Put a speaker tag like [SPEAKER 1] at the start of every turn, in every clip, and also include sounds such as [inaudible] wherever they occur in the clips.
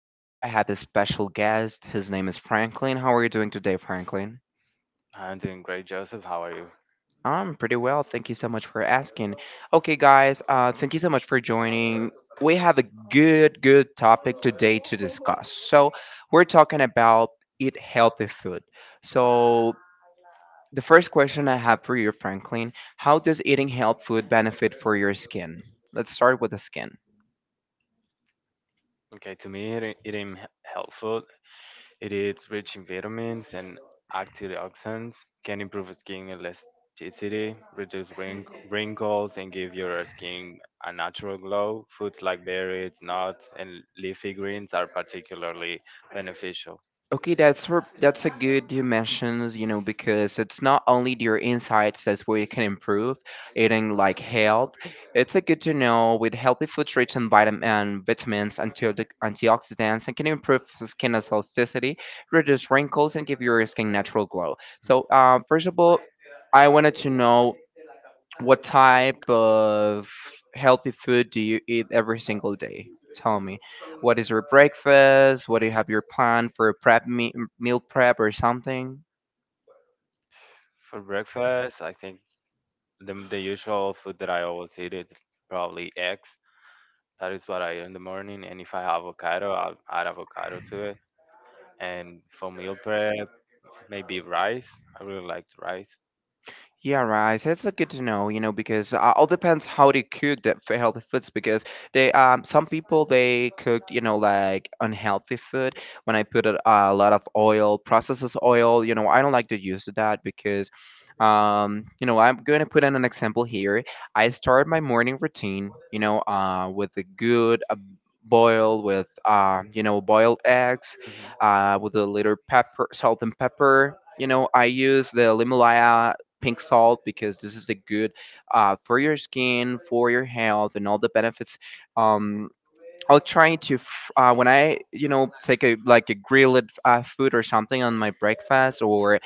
[SPEAKER 1] Today, I have a special guest. His name is Franklin. How are you doing today, Franklin?
[SPEAKER 2] I'm doing great, Joseph. How are you?
[SPEAKER 1] I'm pretty well. Thank you so much for asking. Okay, guys, thank you so much for joining. We have a good topic today to discuss. So, we're talking about eat healthy food. So, the first question I have for you, Franklin, how does eating healthy food benefit for your skin? Let's start with the skin.
[SPEAKER 2] Okay, to me, eating health it is rich in vitamins and antioxidants, can improve skin elasticity, reduce wrinkles, and give your skin a natural glow. Foods like berries, nuts, and leafy greens are particularly beneficial.
[SPEAKER 1] Okay, that's a good you mentions, because it's not only your insights that's where you can improve eating like health. It's a good to know with healthy food rich in vitamin and vitamins, antioxidants, and can improve skin elasticity, reduce wrinkles, and give your skin natural glow. So, first of all, I wanted to know what type of healthy food do you eat every single day? Tell me, what is your breakfast? What do you have your plan for a meal prep or something?
[SPEAKER 2] For breakfast, I think the usual food that I always eat is probably eggs. That is what I eat in the morning, and if I have avocado, I'll add avocado to it. And for meal prep, maybe rice. I really liked rice.
[SPEAKER 1] Yeah, right. So it's good to know, you know, because all depends how they cook the healthy foods. Because some people they cook, you know, like unhealthy food. When I put a lot of oil, processes oil, you know, I don't like to use that because, you know, I'm going to put in an example here. I start my morning routine, you know, with a good boil with, you know, boiled eggs,
[SPEAKER 2] Mhm,
[SPEAKER 1] with a little pepper, salt and pepper. You know, I use the Limalaya pink salt because this is a good for your skin, for your health, and all the benefits. Um, I'll try to when I you know take a like a grilled food or something on my breakfast or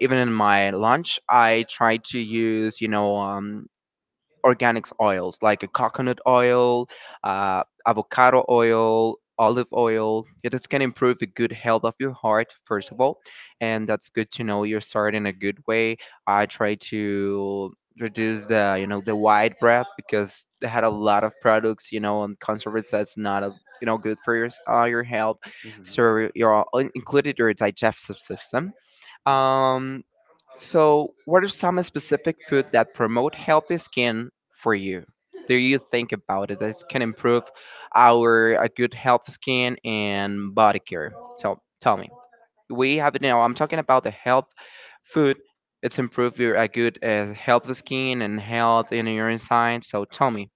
[SPEAKER 1] even in my lunch. I try to use you know organic oils like a coconut oil, avocado oil, olive oil. Yeah, this can improve the good health of your heart, first of all. And that's good to know you're starting a good way. I try to reduce the you know the white bread because they had a lot of products and conservatives that's not a good for your your health,
[SPEAKER 2] mhm.
[SPEAKER 1] so you're included your digestive system.
[SPEAKER 2] Mm.
[SPEAKER 1] um so, what are some specific food that promote healthy skin for you? Do you think about it that can improve our good health skin and body care? So, tell me. We have now. I'm talking about the health food. It's improve your a good health skin and health in your inside. So, tell me.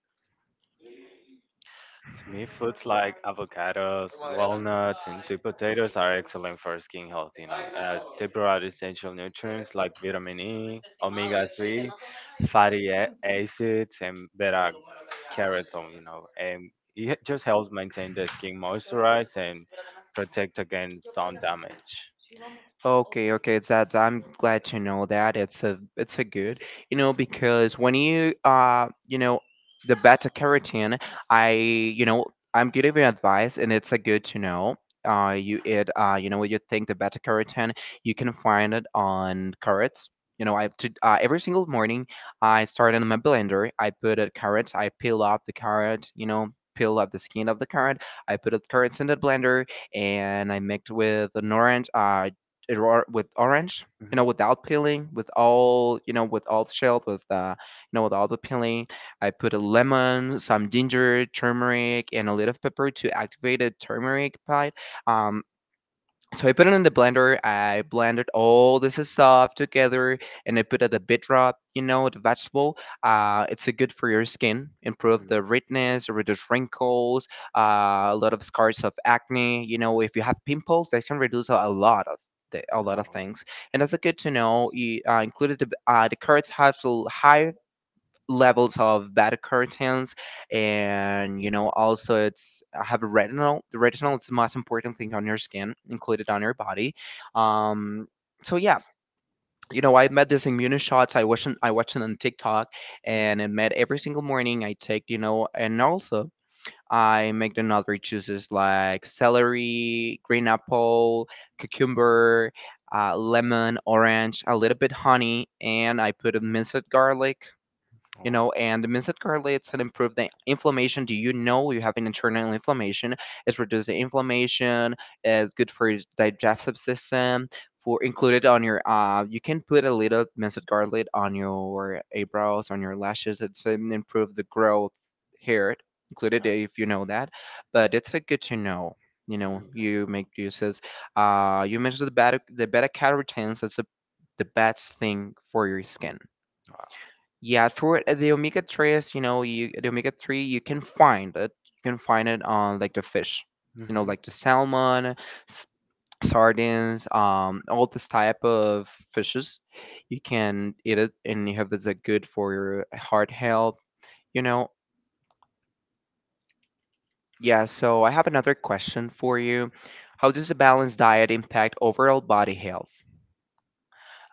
[SPEAKER 2] To me, foods like avocados, walnuts, and sweet potatoes are excellent for skin health. They provide essential nutrients like vitamin E, omega-3, fatty acids, and beta carotene. You know, and it just helps maintain the skin moisturized and protect against sun damage.
[SPEAKER 1] Okay, okay, that I'm glad to know that. It's a good, you know, because when you the beta carotene, I, you know, I'm giving you advice and it's a good to know. You think the beta carotene, you can find it on carrots. Every single morning I start in my blender. I put a carrot. I peel off the carrot. Peel off the skin of the carrot. I put the carrots in the blender, and I mixed with an orange. With orange, without peeling, with all the shell, with all the peeling. I put a lemon, some ginger, turmeric, and a little pepper to activate the turmeric part. Um, so I put it in the blender. I blended all this stuff together, and I put it a bit rub. You know, the vegetable. It's a good for your skin. Improve
[SPEAKER 2] Hmm, hmm,
[SPEAKER 1] the redness, reduce wrinkles, a lot of scars of acne. You know, if you have pimples, that can reduce a lot of. A lot of things, and that's a good to know. You included the carrots have a high levels of bad curtains, and also it's have a retinol the retinol is the most important thing on your skin included on your body. um so, yeah, I met this immune shots. I watched it on TikTok,
[SPEAKER 2] hmm,
[SPEAKER 1] and I met every single morning I take, and also I make the another juices like celery, green apple, cucumber, lemon, orange, a little bit honey, and I put a minced garlic. And the mince it garlics can improve the inflammation. Do you know you have an internal inflammation? It's reduced the inflammation. It's good for your digestive system. For included on your you can put a little minced garlic on your eyebrows, on your lashes. It's improve the growth hair. Included if you know that, but it's a good to know.
[SPEAKER 2] hmm.
[SPEAKER 1] You make uses. You mentioned the beta carotenes. That's a the best thing for your skin. Yeah, for the omega tres, you know, you the omega 3 you can find it. You can find it on like the fish, like the salmon, s- sardines, all this type of fishes. You can eat it and you have it's good for your heart health, you know. Yeah, so I have another question for you. How does a balanced diet impact overall body health?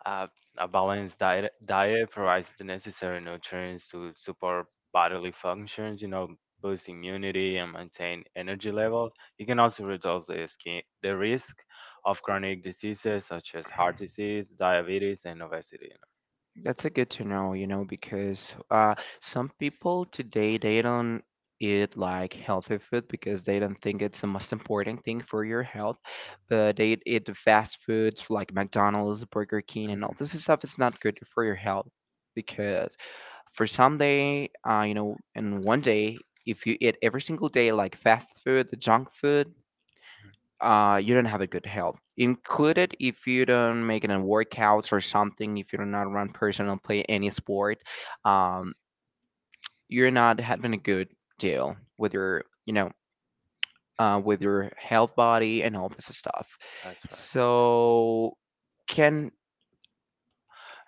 [SPEAKER 2] Uh, a balanced diet provides the necessary nutrients to support bodily functions, boost immunity and maintain energy levels. It can also reduce the risk of chronic diseases such as heart disease, diabetes, and obesity.
[SPEAKER 1] That's a good to know, because some people today they don't eat like healthy food because they don't think it's the most important thing for your health. But they eat the fast foods like McDonald's, Burger King,
[SPEAKER 2] Hmm.
[SPEAKER 1] and all this stuff is not good for your health, because for some day, and one day, if you eat every single day like fast food, the junk food, you don't have a good health. Included if you don't make any workouts or something, if you're not run personal, play any sport, um, you're not having a good deal with your health body and all this stuff.
[SPEAKER 2] That's right.
[SPEAKER 1] So can.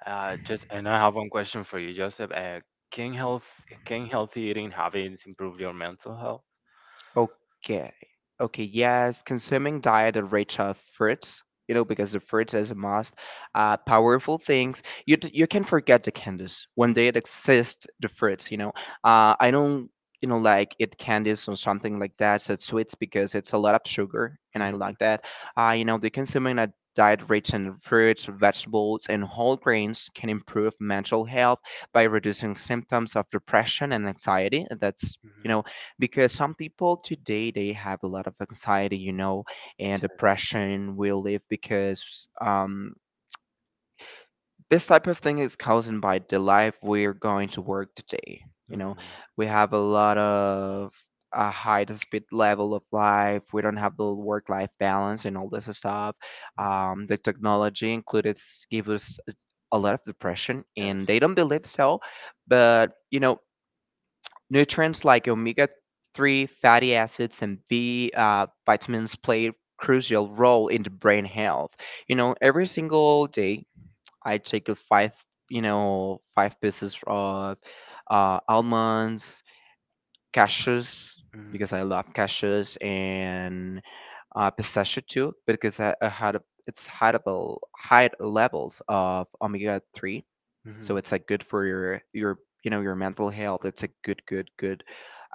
[SPEAKER 2] Just and I have one question for you, Joseph. Can health can healthy eating habits improve your mental health?
[SPEAKER 1] Okay. Okay, yes, consuming diet of rich of fruits, because the fruits is a must. Powerful things. You you can forget the candies when
[SPEAKER 2] Mm-hmm.
[SPEAKER 1] they exist. The fruits. I don't, like eat candies or something like that. Said sweets because it's a lot of sugar, and I don't like
[SPEAKER 2] Hmm.
[SPEAKER 1] that. The consuming a diet rich in fruits, vegetables, and whole grains can improve mental health by reducing symptoms of depression and anxiety. That's you know because some people today they have a lot of anxiety and depression we live, because this type of thing is caused by the life we're going to work today you know. We have a lot of a high speed level of life. We don't have the work life balance and all this stuff. The technology included give us a lot of depression,
[SPEAKER 2] Yes.
[SPEAKER 1] and they don't believe so. But nutrients like omega 3 fatty acids and B vitamins play a crucial role in the brain health. Every single day I take a five, you know, five pieces of almonds, cashews,
[SPEAKER 2] Hmm. Yes.
[SPEAKER 1] because I love cashews, and pistachio too, because I had a, it's high levels of omega 3. So
[SPEAKER 2] Hmm,
[SPEAKER 1] it's like good for your you know your mental health. It's a good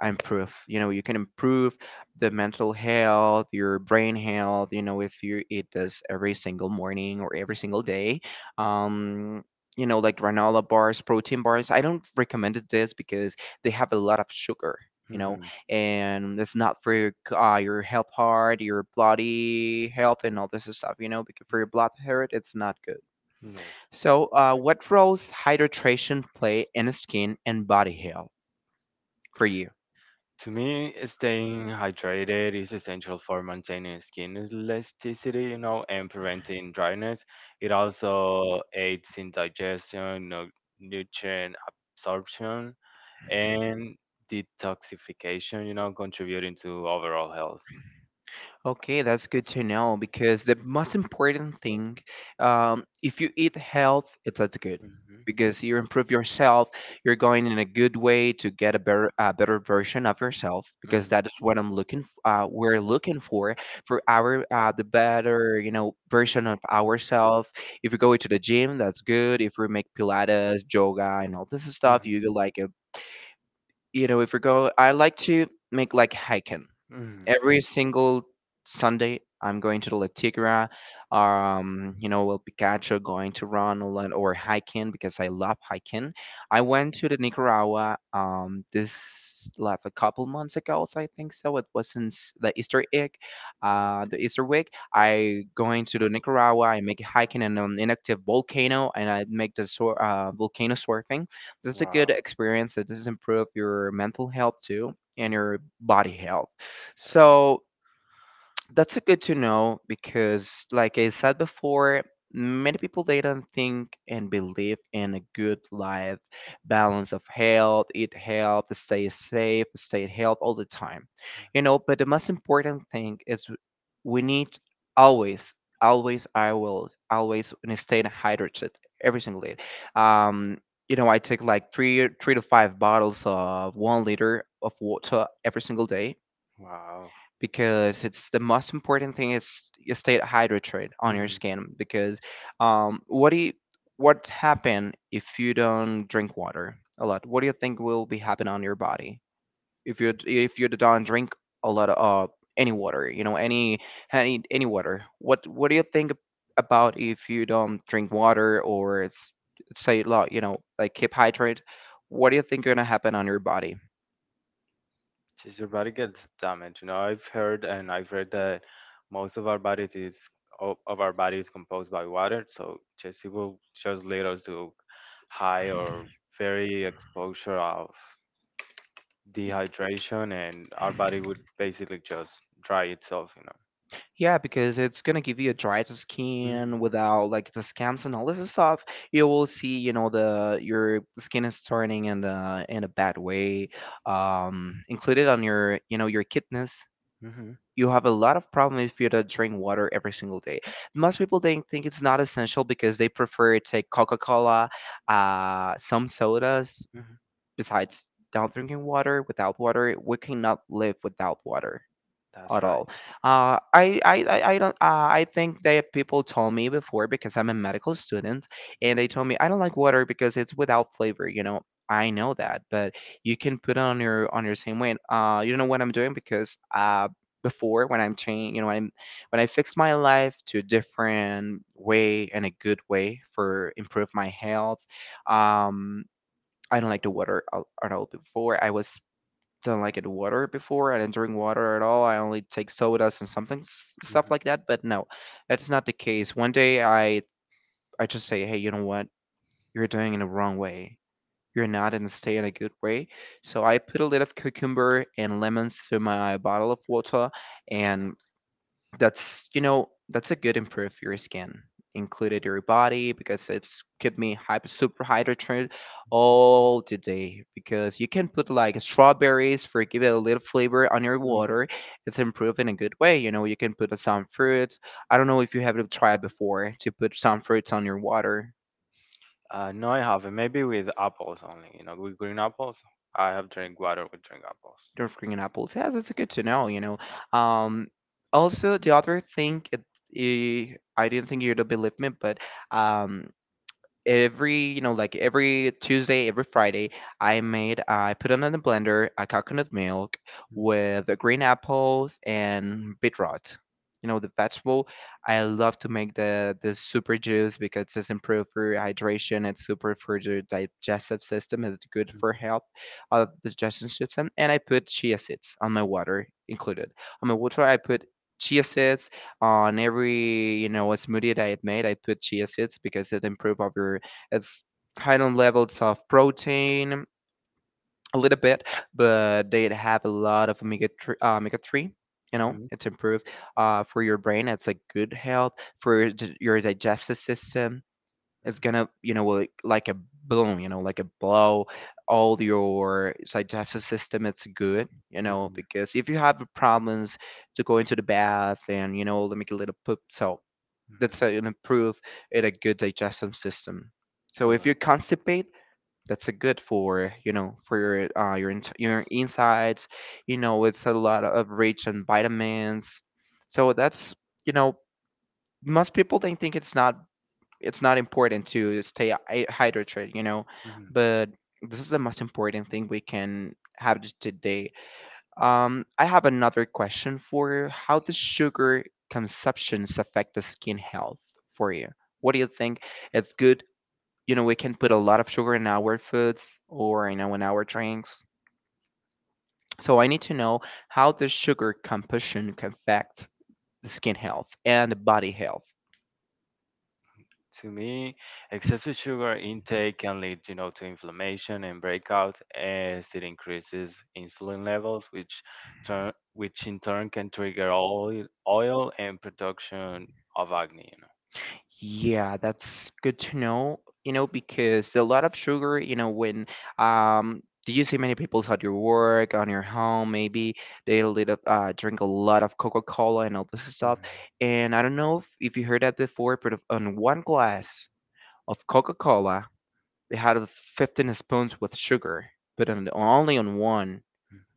[SPEAKER 1] improve. You can improve the mental health, your brain health. If you eat this every single morning or every single day. Um, like granola bars, protein bars. I don't recommend it this because they have a lot of sugar. You know,
[SPEAKER 2] hmm,
[SPEAKER 1] and it's not for your, your health, heart, your bloody health, and all this stuff. Because for your blood health, it's not good.
[SPEAKER 2] hmm. Yes.
[SPEAKER 1] So, what roles hydration play in skin and body health for you?
[SPEAKER 2] To me, staying hydrated is essential for maintaining skin elasticity, and preventing dryness. It also aids in digestion, nutrient absorption, and detoxification, contributing to overall health.
[SPEAKER 1] Okay, that's good to know because the most important thing, if you eat health, it's that's good
[SPEAKER 2] Hmm,
[SPEAKER 1] because you improve yourself. You're going in a good way to get a better version of yourself because
[SPEAKER 2] hmm,
[SPEAKER 1] that is what I'm looking. We're looking for our the better, version of ourselves. If you go to the gym, that's good. If we make Pilates, yoga, and all this stuff, you like you know, if we go, I like to make like hiking.
[SPEAKER 2] hmm,
[SPEAKER 1] Every single Sunday I'm going to the La Tigra. El Picacho, going to run a lot or hiking because I love hiking. I went to the Nicaragua this like a couple months ago, if I think so. It wasn't the Easter egg,
[SPEAKER 2] hmm.
[SPEAKER 1] the Easter week. I going to the Nicaragua. I make hiking in an inactive volcano, and I make the volcano surfing. This is a
[SPEAKER 2] Wow.
[SPEAKER 1] good experience. It does improve your mental health too
[SPEAKER 2] Mm.
[SPEAKER 1] and your body health.
[SPEAKER 2] Yes.
[SPEAKER 1] So that's a good to know because, like I said before, many people they don't think and believe in a good life balance of health, eat health, stay safe, stay health all the time, you know. But the most important thing is we need always, always, I will always stay hydrated every single day. Um, you know, I take like 3 to 5 bottles of 1 liter of water every single day
[SPEAKER 2] Wow.
[SPEAKER 1] because it's the most important thing is you stay hydrated on your
[SPEAKER 2] Mhm.
[SPEAKER 1] skin because um, what do you, what happen if you don't drink water a lot, what do you think will be happen on your body if you don't drink a lot of any water, you know, any any water? What do you think about if you don't drink water or it's say lot? You know, like keep hydrated, what do you think gonna happen on your body?
[SPEAKER 2] Just your body gets damaged. I've heard and I've read that most of our body is composed by water. So just it will just lead us to high or very exposure of dehydration, and our body would basically just dry itself.
[SPEAKER 1] Yeah, because it's gonna give you a dried skin without like the scams and all this stuff. You will see, you know, the your skin is turning in the in a bad way. Included on your, you know, your kidneys.
[SPEAKER 2] Hmm, hmm,
[SPEAKER 1] You have a lot of problem if you don't drink water every single day. Most people they think it's not essential because they prefer to take Coca-Cola, some sodas.
[SPEAKER 2] hmm.
[SPEAKER 1] Besides, not drinking water. Without water, we cannot live without water
[SPEAKER 2] That's
[SPEAKER 1] at
[SPEAKER 2] right.
[SPEAKER 1] all. I don't. I think that people told me before because I'm a medical student, and they told me I don't like water because it's without flavor. You know, I know that, but you can put it on your same way. And, you know what I'm doing, because before when I'm changing, you know, when I'm when I fixed my life to a different way and a good way for improve my health. Um, I don't like the water at all before. I was don't like it water before. I didn't drink water at all. I only take sodas and something stuff
[SPEAKER 2] Mm.
[SPEAKER 1] like that. But no, that's not the case. One day I just say, hey, you know what? You're doing it the wrong way. You're not in a stay in a good way. So I put a little cucumber and lemons to my bottle of water, and that's, you know, that's a good improve your skin, included your body, because it's keep me hyper super hydrated all the day. Because you can put like strawberries for give it a little flavor on your
[SPEAKER 2] Mm.
[SPEAKER 1] water. It's improved in a good way. You know, you can put some fruits. I don't know if you have tried before to put some fruits on your water.
[SPEAKER 2] No, I haven't. Maybe with apples only. You know, with green apples. I have drink water with drink apples.
[SPEAKER 1] Don't green apples. Yeah, that's good to know. You know, um, also the other thing. I didn't think you'd believe me, but um, every you know like every Tuesday, every Friday, I made I put it in the blender a coconut milk with the green apples and beetroot, you know, the vegetable. I love to make the super juice because it's improved for hydration, it's super for your digestive system, it's good for health of the digestion system. And I put chia seeds on my water, included on my water I put chia seeds on every, you know, a smoothie that I had made. I put chia seeds because it improve of your, it's high on levels of protein, a little bit, but they have a lot of omega three. Omega three. You know,
[SPEAKER 2] Mhm,
[SPEAKER 1] it's improved for your brain. It's a good health for your your digestive system. It's gonna, you know, like a boom, you know, like a blow. All your digestive system, it's good, you know,
[SPEAKER 2] mhm,
[SPEAKER 1] because if you have problems to go into the bath, and you know, let me get a little poop. So
[SPEAKER 2] mhm.
[SPEAKER 1] that's an improve in a good digestive system. So if
[SPEAKER 2] Sure.
[SPEAKER 1] you constipate, that's a good for, you know, for your your insides, you know, it's a lot of rich and vitamins. So that's, you know, most people they think it's not, it's not important to stay hydrated, you know.
[SPEAKER 2] Mhm.
[SPEAKER 1] But this is the most important thing we can have today. I have another question for you. How does sugar consumptions affect the skin health for you? What do you think? It's good, you know, we can put a lot of sugar in our foods or, you know, in our drinks. So I need to know how the sugar composition can affect the skin health and body health.
[SPEAKER 2] To me, excessive sugar intake can lead, to inflammation and breakout as it increases insulin levels, which in turn can trigger oil and production of acne, you
[SPEAKER 1] Yeah, that's good to know. You know, because a lot of sugar, you know, when um do you see many people at your work, on your home maybe, they little, drink a lot of Coca-Cola and all this
[SPEAKER 2] know. Mhm,
[SPEAKER 1] stuff. And I don't know if, you heard that before, but if on one glass of Coca-Cola, they had 15 spoons with sugar, but only on one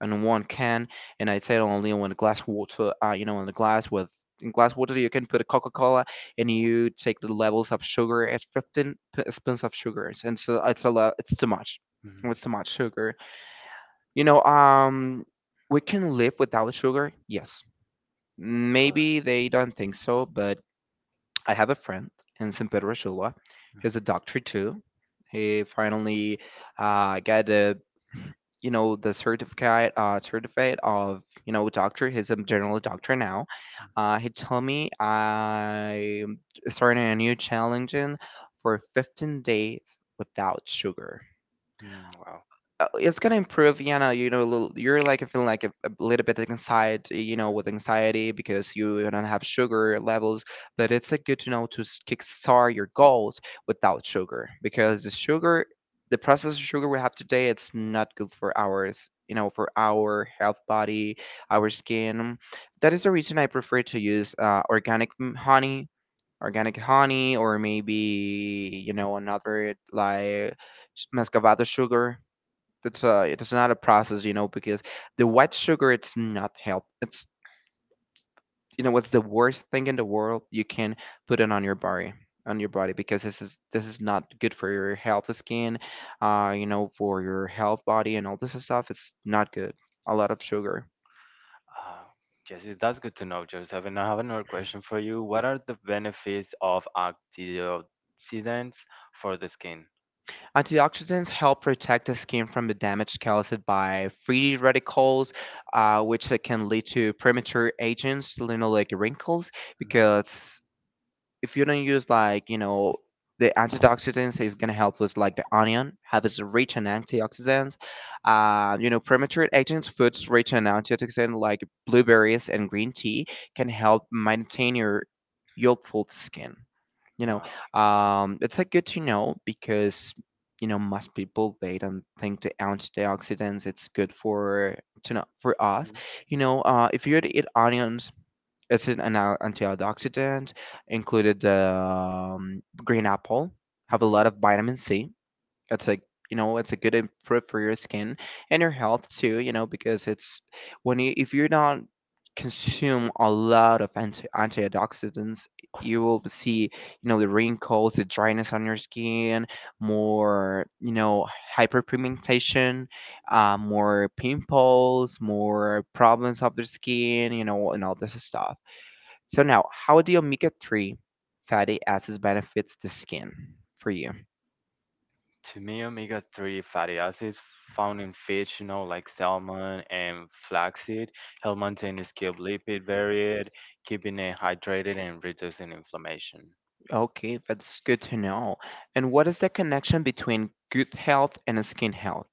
[SPEAKER 1] on one can. And I said only on a glass water. You know, on a glass with in glass water, you can put a Coca Cola, and you take the levels of sugar. It's 15 spoons of sugar, and so it's a lot. It's too much.
[SPEAKER 2] mhm, mhm.
[SPEAKER 1] It's too much sugar. You know, we can live without sugar. Yes,
[SPEAKER 2] Correct.
[SPEAKER 1] maybe they don't think so. But I have a friend in San Pedro Sula. He's a doctor too. He finally got a, you know, the certificate, certificate of, you know, doctor. He's a general doctor now. He told me I'm starting a new challenge in for 15 days without sugar.
[SPEAKER 2] Mhm, mhm. Wow.
[SPEAKER 1] It's gonna improve, you know, you know, you're like feeling like a little bit inside, you know, with anxiety because you don't have sugar levels. But it's like good to know to kickstart your goals without sugar because the sugar, the processed sugar we have today, it's not good for ours, you know, for our health body, our skin. That is the reason I prefer to use organic honey, organic honey. Or maybe, you know, another like muscovado sugar. That's it's not a process, you know, because the white sugar it's not help. It's, you know, it's the worst thing in the world you can put it on your body, because this is, not good for your health skin, you know, for your health body and all this stuff. It's not good. A lot of sugar.
[SPEAKER 2] Uh, yes, that's good to know, Joseph. And I have another question for you. What are the benefits of antioxidants for the skin?
[SPEAKER 1] Antioxidants help protect the skin from the damage caused by free radicals, which can lead to premature aging, you know, like wrinkles. Because if you don't use, like, you know, the antioxidants is gonna help with, like, the onion have is rich in antioxidants. You know, premature agents, foods rich in antioxidants like blueberries and green tea can help maintain your youthful skin, you know.
[SPEAKER 2] Wow.
[SPEAKER 1] It's like good to know because, you know, most people they don't think the antioxidants it's good for to know for us, you know. If you were to eat onions, it's an antioxidant, included, green apple, have a
[SPEAKER 2] Hmm.
[SPEAKER 1] lot of vitamin C. It's like, you know, it's a good fruit for your skin and your health too, you know. Because it's when you, if you don't consume a lot of antioxidants, you will see, you know, the wrinkles, the dryness on your skin, more, you know, hyperpigmentation, more pimples, more problems of the skin, you know, and all this stuff. So now, how do omega-3 fatty acids benefits the skin for you?
[SPEAKER 2] To me, omega-3 fatty acids found in fish, like salmon and flaxseed, help maintain the skin lipid barrier, keeping it hydrated and reducing inflammation.
[SPEAKER 1] Okay, that's good to know. And what is the connection between good health and skin health?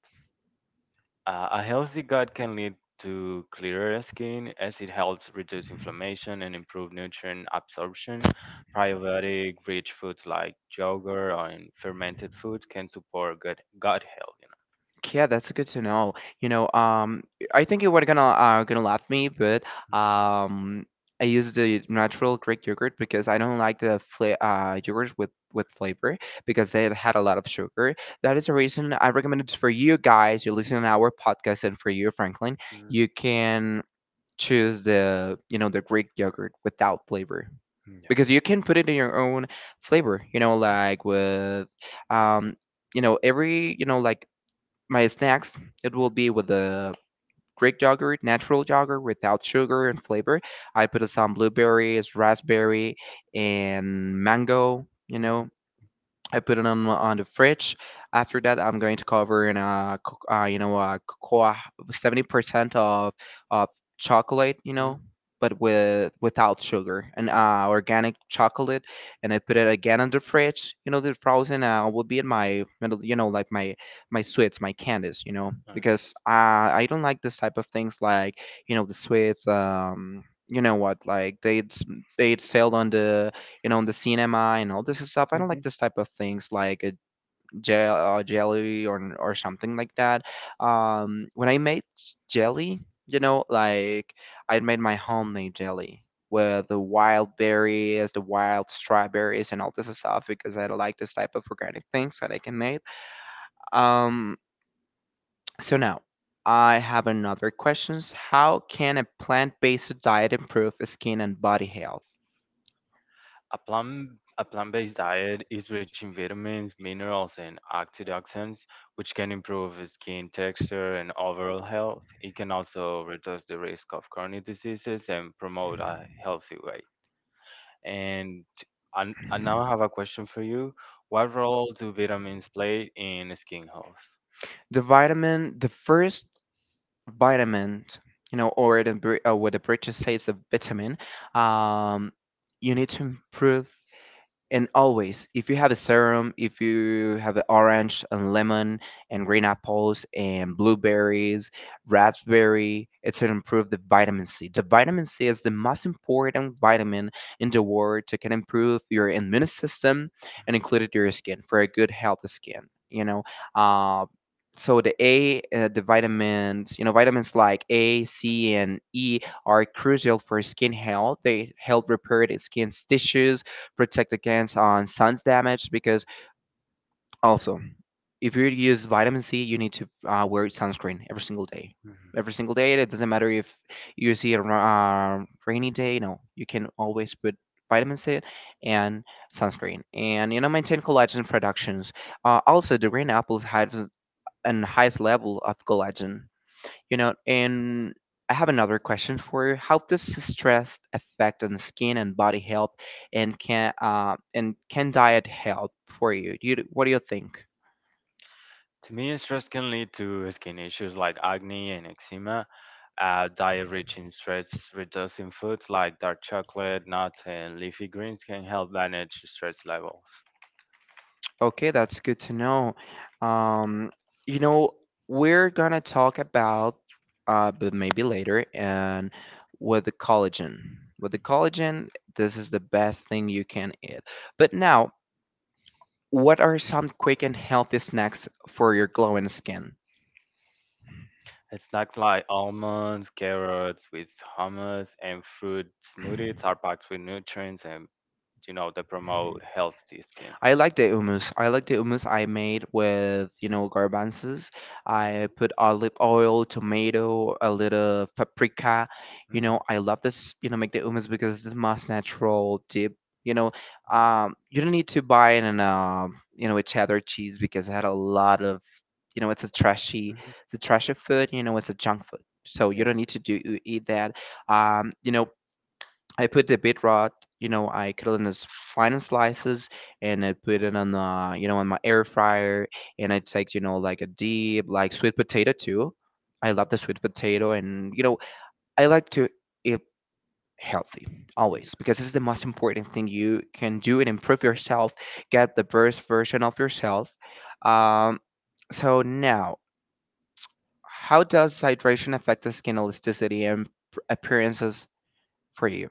[SPEAKER 2] A healthy gut can lead to clearer skin as it helps reduce inflammation and improve nutrient absorption. Probiotic rich foods like yogurt or in fermented foods can support gut health.
[SPEAKER 1] Yeah, that's good to know. You know, I think you were gonna gonna laugh me, but um, I use the natural Greek yogurt because I don't like the yogurt with flavor because it had a lot of sugar. That is the reason I recommend it for you guys. You're listening to our podcast, and for you, Franklin,
[SPEAKER 2] Mm, mm,
[SPEAKER 1] you can choose the, you know, the Greek yogurt without flavor,
[SPEAKER 2] yeah. Mm,
[SPEAKER 1] because you can put it in your own flavor. You know, like with um, you know, every, you know, like my snacks, it will be with a Greek yogurt, natural yogurt without sugar and flavor. I put some blueberries, raspberry, and mango. You
[SPEAKER 2] yeah.
[SPEAKER 1] know, I put it on the fridge. After that, I'm going to cover in a you know, a cocoa 70% of of chocolate, you
[SPEAKER 2] Mm, mhm,
[SPEAKER 1] know, but with without sugar and
[SPEAKER 2] mhm.
[SPEAKER 1] organic chocolate. And I put it again on the fridge. You know, the frozen will be in my you know like my sweets, my candies, you know,
[SPEAKER 2] Okay.
[SPEAKER 1] because I don't like this type of things like you know the sweets. You know what? Like they sell on the you know, in the cinema and all this stuff. I don't like
[SPEAKER 2] Mm-hmm.
[SPEAKER 1] this type of things like a gel, jelly or something like that. When I made jelly, you know, like I made my homemade jelly with the wild berries, the wild strawberries, and all this stuff because I don't like this type of organic things that I can make. Um, so now. I have another questions. How can a plant-based diet improve skin and body health?
[SPEAKER 2] A plant a plant-based diet is rich in vitamins, minerals, and antioxidants, which can improve skin texture and overall health. It can also reduce the risk of chronic diseases and promote a healthy weight. And I now have a question for you. What role do vitamins play in skin health?
[SPEAKER 1] The vitamin, the first vitamin, you know, or, the, what the British say is a vitamin, um, you need to improve and always, if you have a serum, if you have an orange and lemon and green apples and blueberries, raspberry, it's going to improve the vitamin C. The vitamin C is the most important vitamin in the world to can improve your immune system and included your skin for a good healthy skin. Uh, so the A, the vitamins, you know, vitamins like A, C, and E are crucial for skin health. They help repair the skin's tissues protect against on sun's damage because also if you use vitamin C, you need to wear sunscreen every single day.
[SPEAKER 2] Mhm.
[SPEAKER 1] Every single day, it doesn't matter if you see a rainy day. No, you can always put vitamin C and sunscreen, and you know maintain collagen productions. Also, the green apples have an highest level of collagen you know, and I have another question for you. How does stress affect on skin and body health, and can diet help for you? Do you what do you think?
[SPEAKER 2] To me, stress can lead to skin issues like acne and eczema. Add diet rich in stress reducing foods like dark chocolate, nuts, and leafy greens can help manage stress levels.
[SPEAKER 1] Okay, that's good to know. Um, you know, we're gonna talk about, but maybe later, and with the collagen. With the collagen, this is the best thing you can eat. But now, what are some quick and healthy snacks for your glowing skin?
[SPEAKER 2] And snacks like almonds, carrots with hummus, and fruit smoothies are packed with nutrients and they promote healthy skin.
[SPEAKER 1] I like the hummus. I like the hummus I made with, you know, garbanzos. I put olive oil, tomato, a little paprika. You know, I love this, you know, make the hummus because it's the most natural dip. You know, you don't need to buy it in a, you know, a cheddar cheese because it had a lot of, you know,
[SPEAKER 2] Mhm.
[SPEAKER 1] it's a trashy food. You know, it's a junk food. So you don't need to do eat that. You know, I put the bit rot, you know, I cut it in as fine as slices and I put it on the, you know, on my air fryer and I take, you know, like a deep, like sweet potato too. I love the sweet potato and, you know, I like to eat healthy always because
[SPEAKER 2] Yeah.
[SPEAKER 1] this is the most important thing you can do and improve yourself, get the best version of yourself. Um, so now, how does hydration affect the skin elasticity and appearances for you?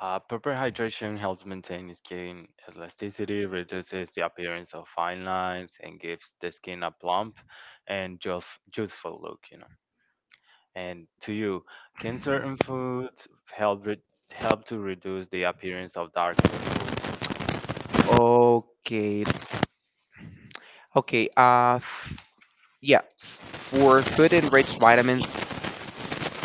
[SPEAKER 2] Proper hydration helps maintain skin elasticity, reduces the appearance of fine lines, and gives the skin a plump and just youthful look. And to you, can certain foods help help to reduce the appearance of dark circles?
[SPEAKER 1] Okay, Okay, yes. For food enriched vitamins,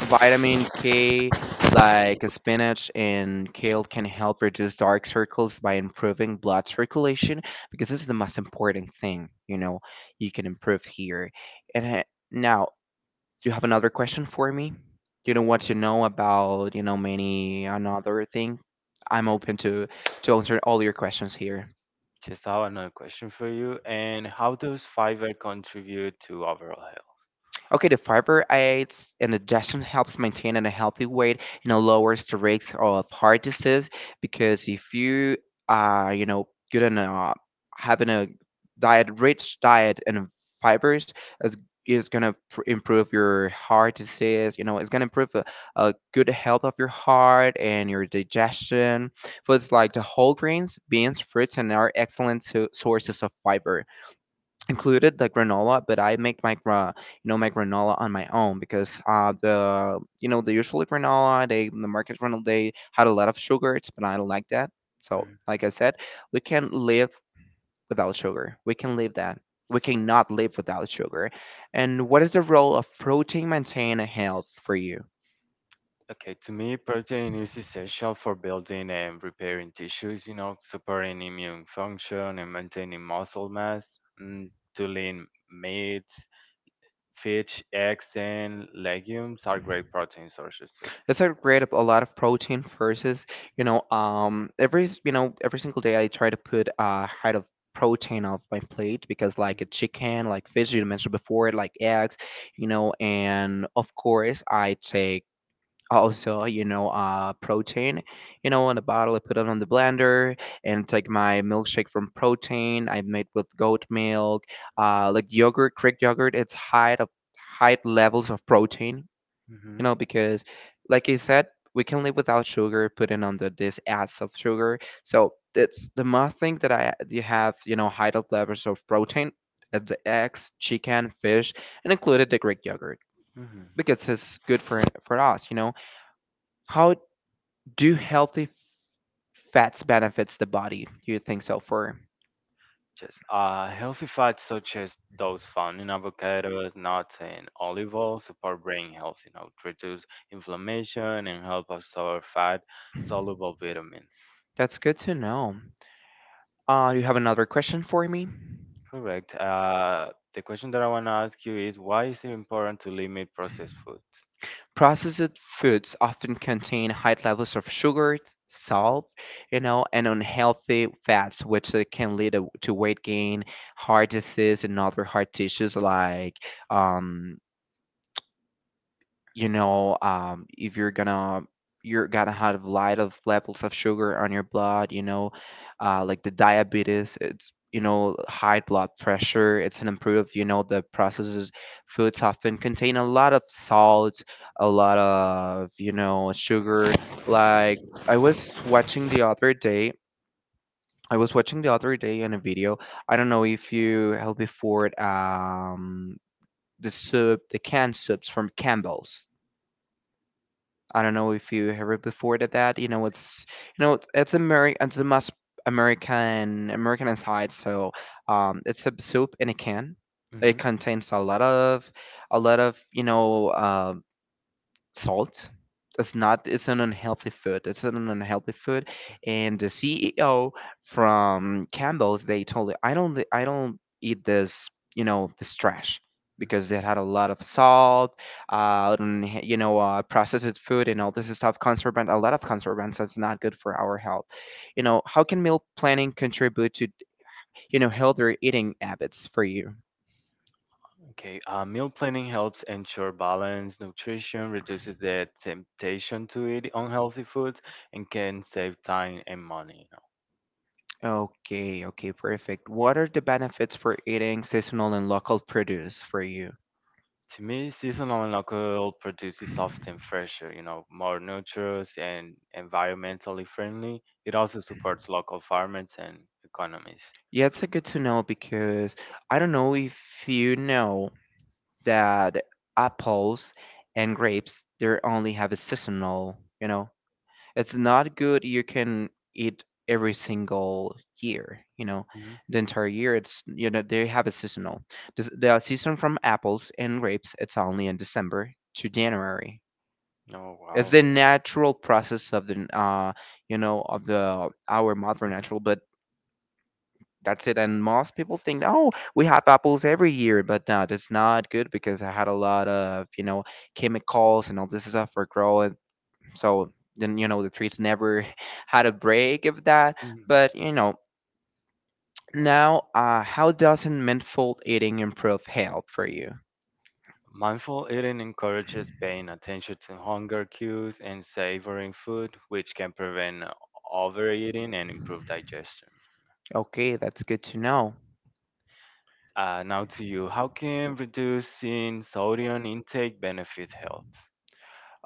[SPEAKER 1] vitamin K like spinach and kale can help reduce dark circles by improving blood circulation because this is the most important thing, you know, you can improve here. And now, you have another question for me? You know what you know about, you know, many another thing? I'm open to answer all your questions here.
[SPEAKER 2] Just have another question for you. And how does fiber contribute to overall health?
[SPEAKER 1] Okay, the fiber aids in digestion, helps maintain in a healthy weight, you know, lowers the risk of heart disease because if you are, you know, good in having a diet rich diet in fibers is is gonna improve your heart disease. You know, it's gonna improve the good health of your heart and your digestion. Foods like the whole grains, beans, fruits, and are excellent sources of fiber included the granola, but I make you know my granola on my own because the you know the usual granola they the market granola they had a lot of sugars, but I don't like that. So
[SPEAKER 2] Mm.
[SPEAKER 1] like I said, we can live without sugar. We can live that. We cannot live without sugar. And what is the role of protein maintain a health for you?
[SPEAKER 2] Okay, to me, protein is essential for building and repairing tissues, supporting immune function and maintaining muscle mass. Mm, to lean meats, fish, eggs, and legumes are great protein sources too.
[SPEAKER 1] It's a great up a lot of protein versus, you know, every you know every single day I try to put a height of protein off my plate because like a chicken, like fish you mentioned before, like eggs, you know, and of course I take also you know protein you know in a bottle I put it on the blender and take my milkshake from protein I made with goat milk like yogurt Greek yogurt it's high of high levels of protein
[SPEAKER 2] Mm-hmm.
[SPEAKER 1] you know, because like you said, we can live without sugar, putting on the this ads of sugar. So it's the more thing that I you have, you know, high up levels of protein at the eggs, chicken, fish, and included the Greek yogurt
[SPEAKER 2] Hmm.
[SPEAKER 1] because it's good for us, you know. How do healthy fats benefits the body? Do you think so? For
[SPEAKER 2] Yes. Healthy fats such as those found in avocados, nuts, and olive oil support brain health, to reduce inflammation and help absorb fat soluble vitamins.
[SPEAKER 1] that's good to know. You have another question for me?
[SPEAKER 2] Correct. The question that I want to ask you is why is it important to limit processed foods?
[SPEAKER 1] Processed foods often contain high levels of sugar, salt, you know, and unhealthy fats, which can lead to weight gain, heart disease, and other heart tissues like um, you know if you're gonna have a lot of levels of sugar on your blood you know like the diabetes it's you know high blood pressure it's an improved you know the processes foods often contain a lot of salt a lot of you know sugar like i was watching the other day I was watching the other day in a video I don't know if you have before it. The soup the canned soups from Campbell's. I don't know if you heard before that, that you know it's American it's a must American inside so it's a soup in a can it contains a lot of you know salt. That's not. It's an unhealthy food. It's an unhealthy food. And the CEO from Campbell's, they told me, I don't eat this. You know, this trash because it had a lot of salt, and, you know, processed food and all this stuff. Conservant, a lot of conservants. That's not good for our health. You know, how can meal planning contribute to you know healthier eating habits for you?
[SPEAKER 2] Okay, meal planning helps ensure balance, nutrition, reduces the temptation to eat unhealthy foods, and can save time and money.
[SPEAKER 1] Okay, okay, perfect. What are the benefits for eating seasonal and local produce for you?
[SPEAKER 2] To me, seasonal and local produce is often fresher, more nutritious and environmentally friendly. It also supports local farmers and economies.
[SPEAKER 1] Yeah, it's a good to know because I don't know if you know that apples and grapes, they only have a seasonal, you know. It's not good you can eat every single year, you know.
[SPEAKER 2] Hmm.
[SPEAKER 1] The entire year it's you know they have a seasonal. The season from apples and grapes, it's only in December to January.
[SPEAKER 2] Oh,
[SPEAKER 1] It's
[SPEAKER 2] wow.
[SPEAKER 1] the natural process of the you know of the our modern natural but that's it and most people think oh we have apples every year but no that's not good because I had a lot of you know chemicals and all this stuff for growing so then you know the trees never [laughs] had a break of that
[SPEAKER 2] Mhm.
[SPEAKER 1] but you know now how doesn't mindful eating improve health for you
[SPEAKER 2] Mindful eating encourages paying attention to hunger cues and savoring food, which can prevent overeating and improve digestion.
[SPEAKER 1] okay that's good to know.
[SPEAKER 2] Now to you. How can reducing sodium intake benefit health?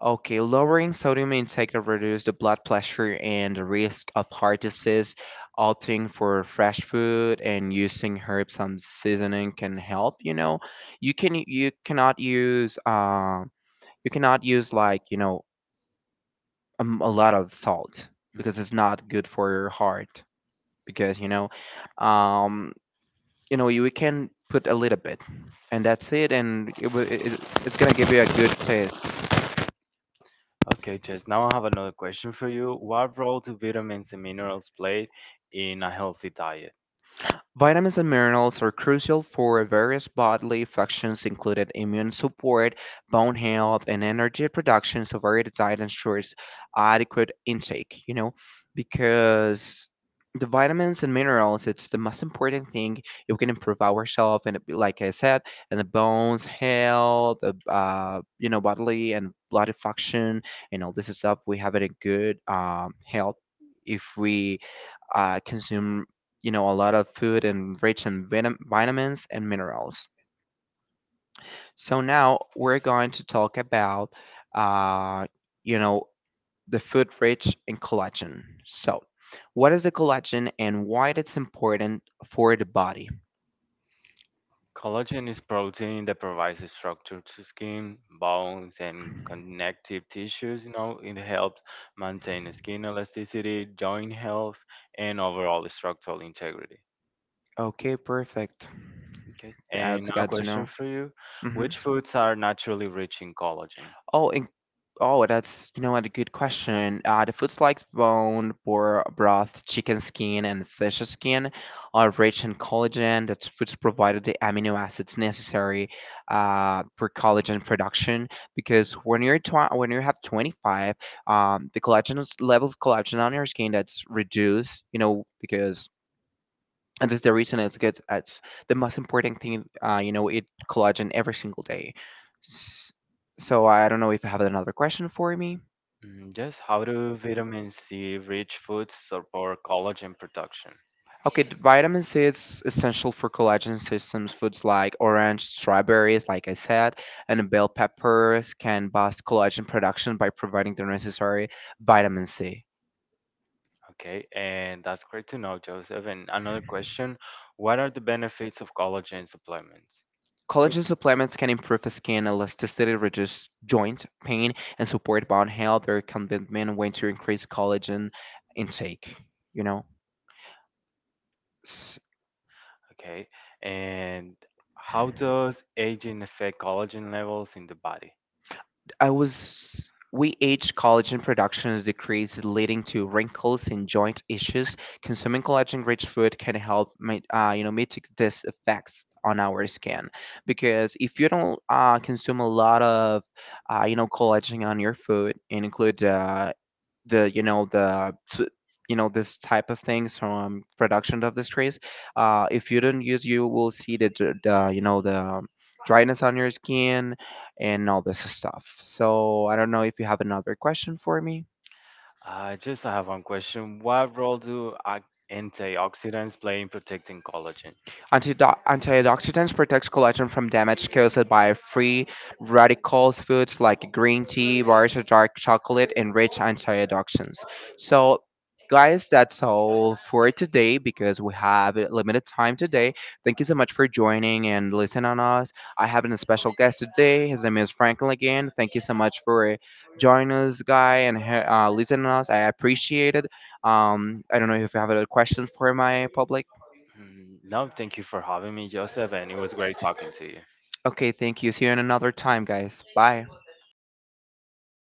[SPEAKER 1] Okay, lowering sodium intake to reduce the blood pressure and the risk of heart disease, opting for fresh food and using herbs and seasoning can help, you know. You can you cannot use uh, you cannot use like, you know, a lot of salt because
[SPEAKER 2] Mhm.
[SPEAKER 1] it's not good for your heart because, you know, um, you know, you we can put a little bit and that's it and it's going to give you a good taste.
[SPEAKER 2] Okay, Jess, now I have another question for you. What role do vitamins and minerals play in a healthy diet?
[SPEAKER 1] Vitamins and minerals are crucial for various bodily functions, including immune support, bone health, and energy production. So, varied diet ensures adequate intake, you know, because the vitamins and minerals, it's the most important thing. If we can improve ourselves, and like I said, and the bones health, the, you know, bodily and blood function, and all this stuff, we have it in good health if we consume you know, a lot of food and rich in vitamins and minerals. So now we're going to talk about, uh, you know, the food rich in collagen. So, what is the collagen and why it's important for the body?
[SPEAKER 2] Collagen is protein that provides a structure to skin, bones, and connective tissues. You know, it helps maintain skin elasticity, joint health, and overall structural integrity.
[SPEAKER 1] Okay, perfect.
[SPEAKER 2] Okay.
[SPEAKER 1] I
[SPEAKER 2] And
[SPEAKER 1] also
[SPEAKER 2] now,
[SPEAKER 1] got to
[SPEAKER 2] question
[SPEAKER 1] know.
[SPEAKER 2] for you:
[SPEAKER 1] Hmm.
[SPEAKER 2] Which foods are naturally rich in collagen?
[SPEAKER 1] Oh, and, oh, that's you know what a good question. The foods like bone, boar broth, chicken skin, and fish skin are rich in collagen. That foods provided the amino acids necessary for collagen production. Because when when you have 25, the collagen levels of collagen on your skin that's reduced. You know because and that's the reason it's good it's the most important thing you know eat collagen every single day S- so I don't know if you have another question for me.
[SPEAKER 2] Mm. Just how do vitamin C-rich foods support collagen production?
[SPEAKER 1] Okay, the vitamin C is essential for collagen systems foods like orange strawberries like I said and bell peppers can boost collagen production by providing the necessary vitamin C.
[SPEAKER 2] Okay, and that's great to know, Joseph. And another question, what are the benefits of collagen supplements? So,
[SPEAKER 1] Collagen supplements can improve skin elasticity, reduce joint pain, and support bone health. There can be many ways to increase collagen intake. You know, S-
[SPEAKER 2] okay, and how does aging affect collagen levels in the body?
[SPEAKER 1] I was we age collagen production is decreased, leading to wrinkles and joint issues. Consuming collagen-rich food can help, you know, mitigate these effects on our skin. Because if you don't consume a lot of, you know, collagen on your food and include the you know you know this type of things from production of the trees if you don't use you will see the, the you know the dryness on your skin and all this stuff so I don't know if you have another question for me.
[SPEAKER 2] I just have one question. What role do antioxidants play in protecting collagen?
[SPEAKER 1] Antioxidants protects collagen from damage caused by free Radicals foods like green tea, bars of dark chocolate, and rich antioxidants. So, guys, that's all for today because we have a limited time today. Thank you so much for joining and listening on us. I have a special guest today. His name is Franklin again. Thank you so much for joining us, guy, and listening us. I appreciate it. I don't know if you have other questions for my public.
[SPEAKER 2] Mm, no, thank you for having me, Joseph, and it was great talking to you.
[SPEAKER 1] Okay, thank you. See you in another time, guys. Bye.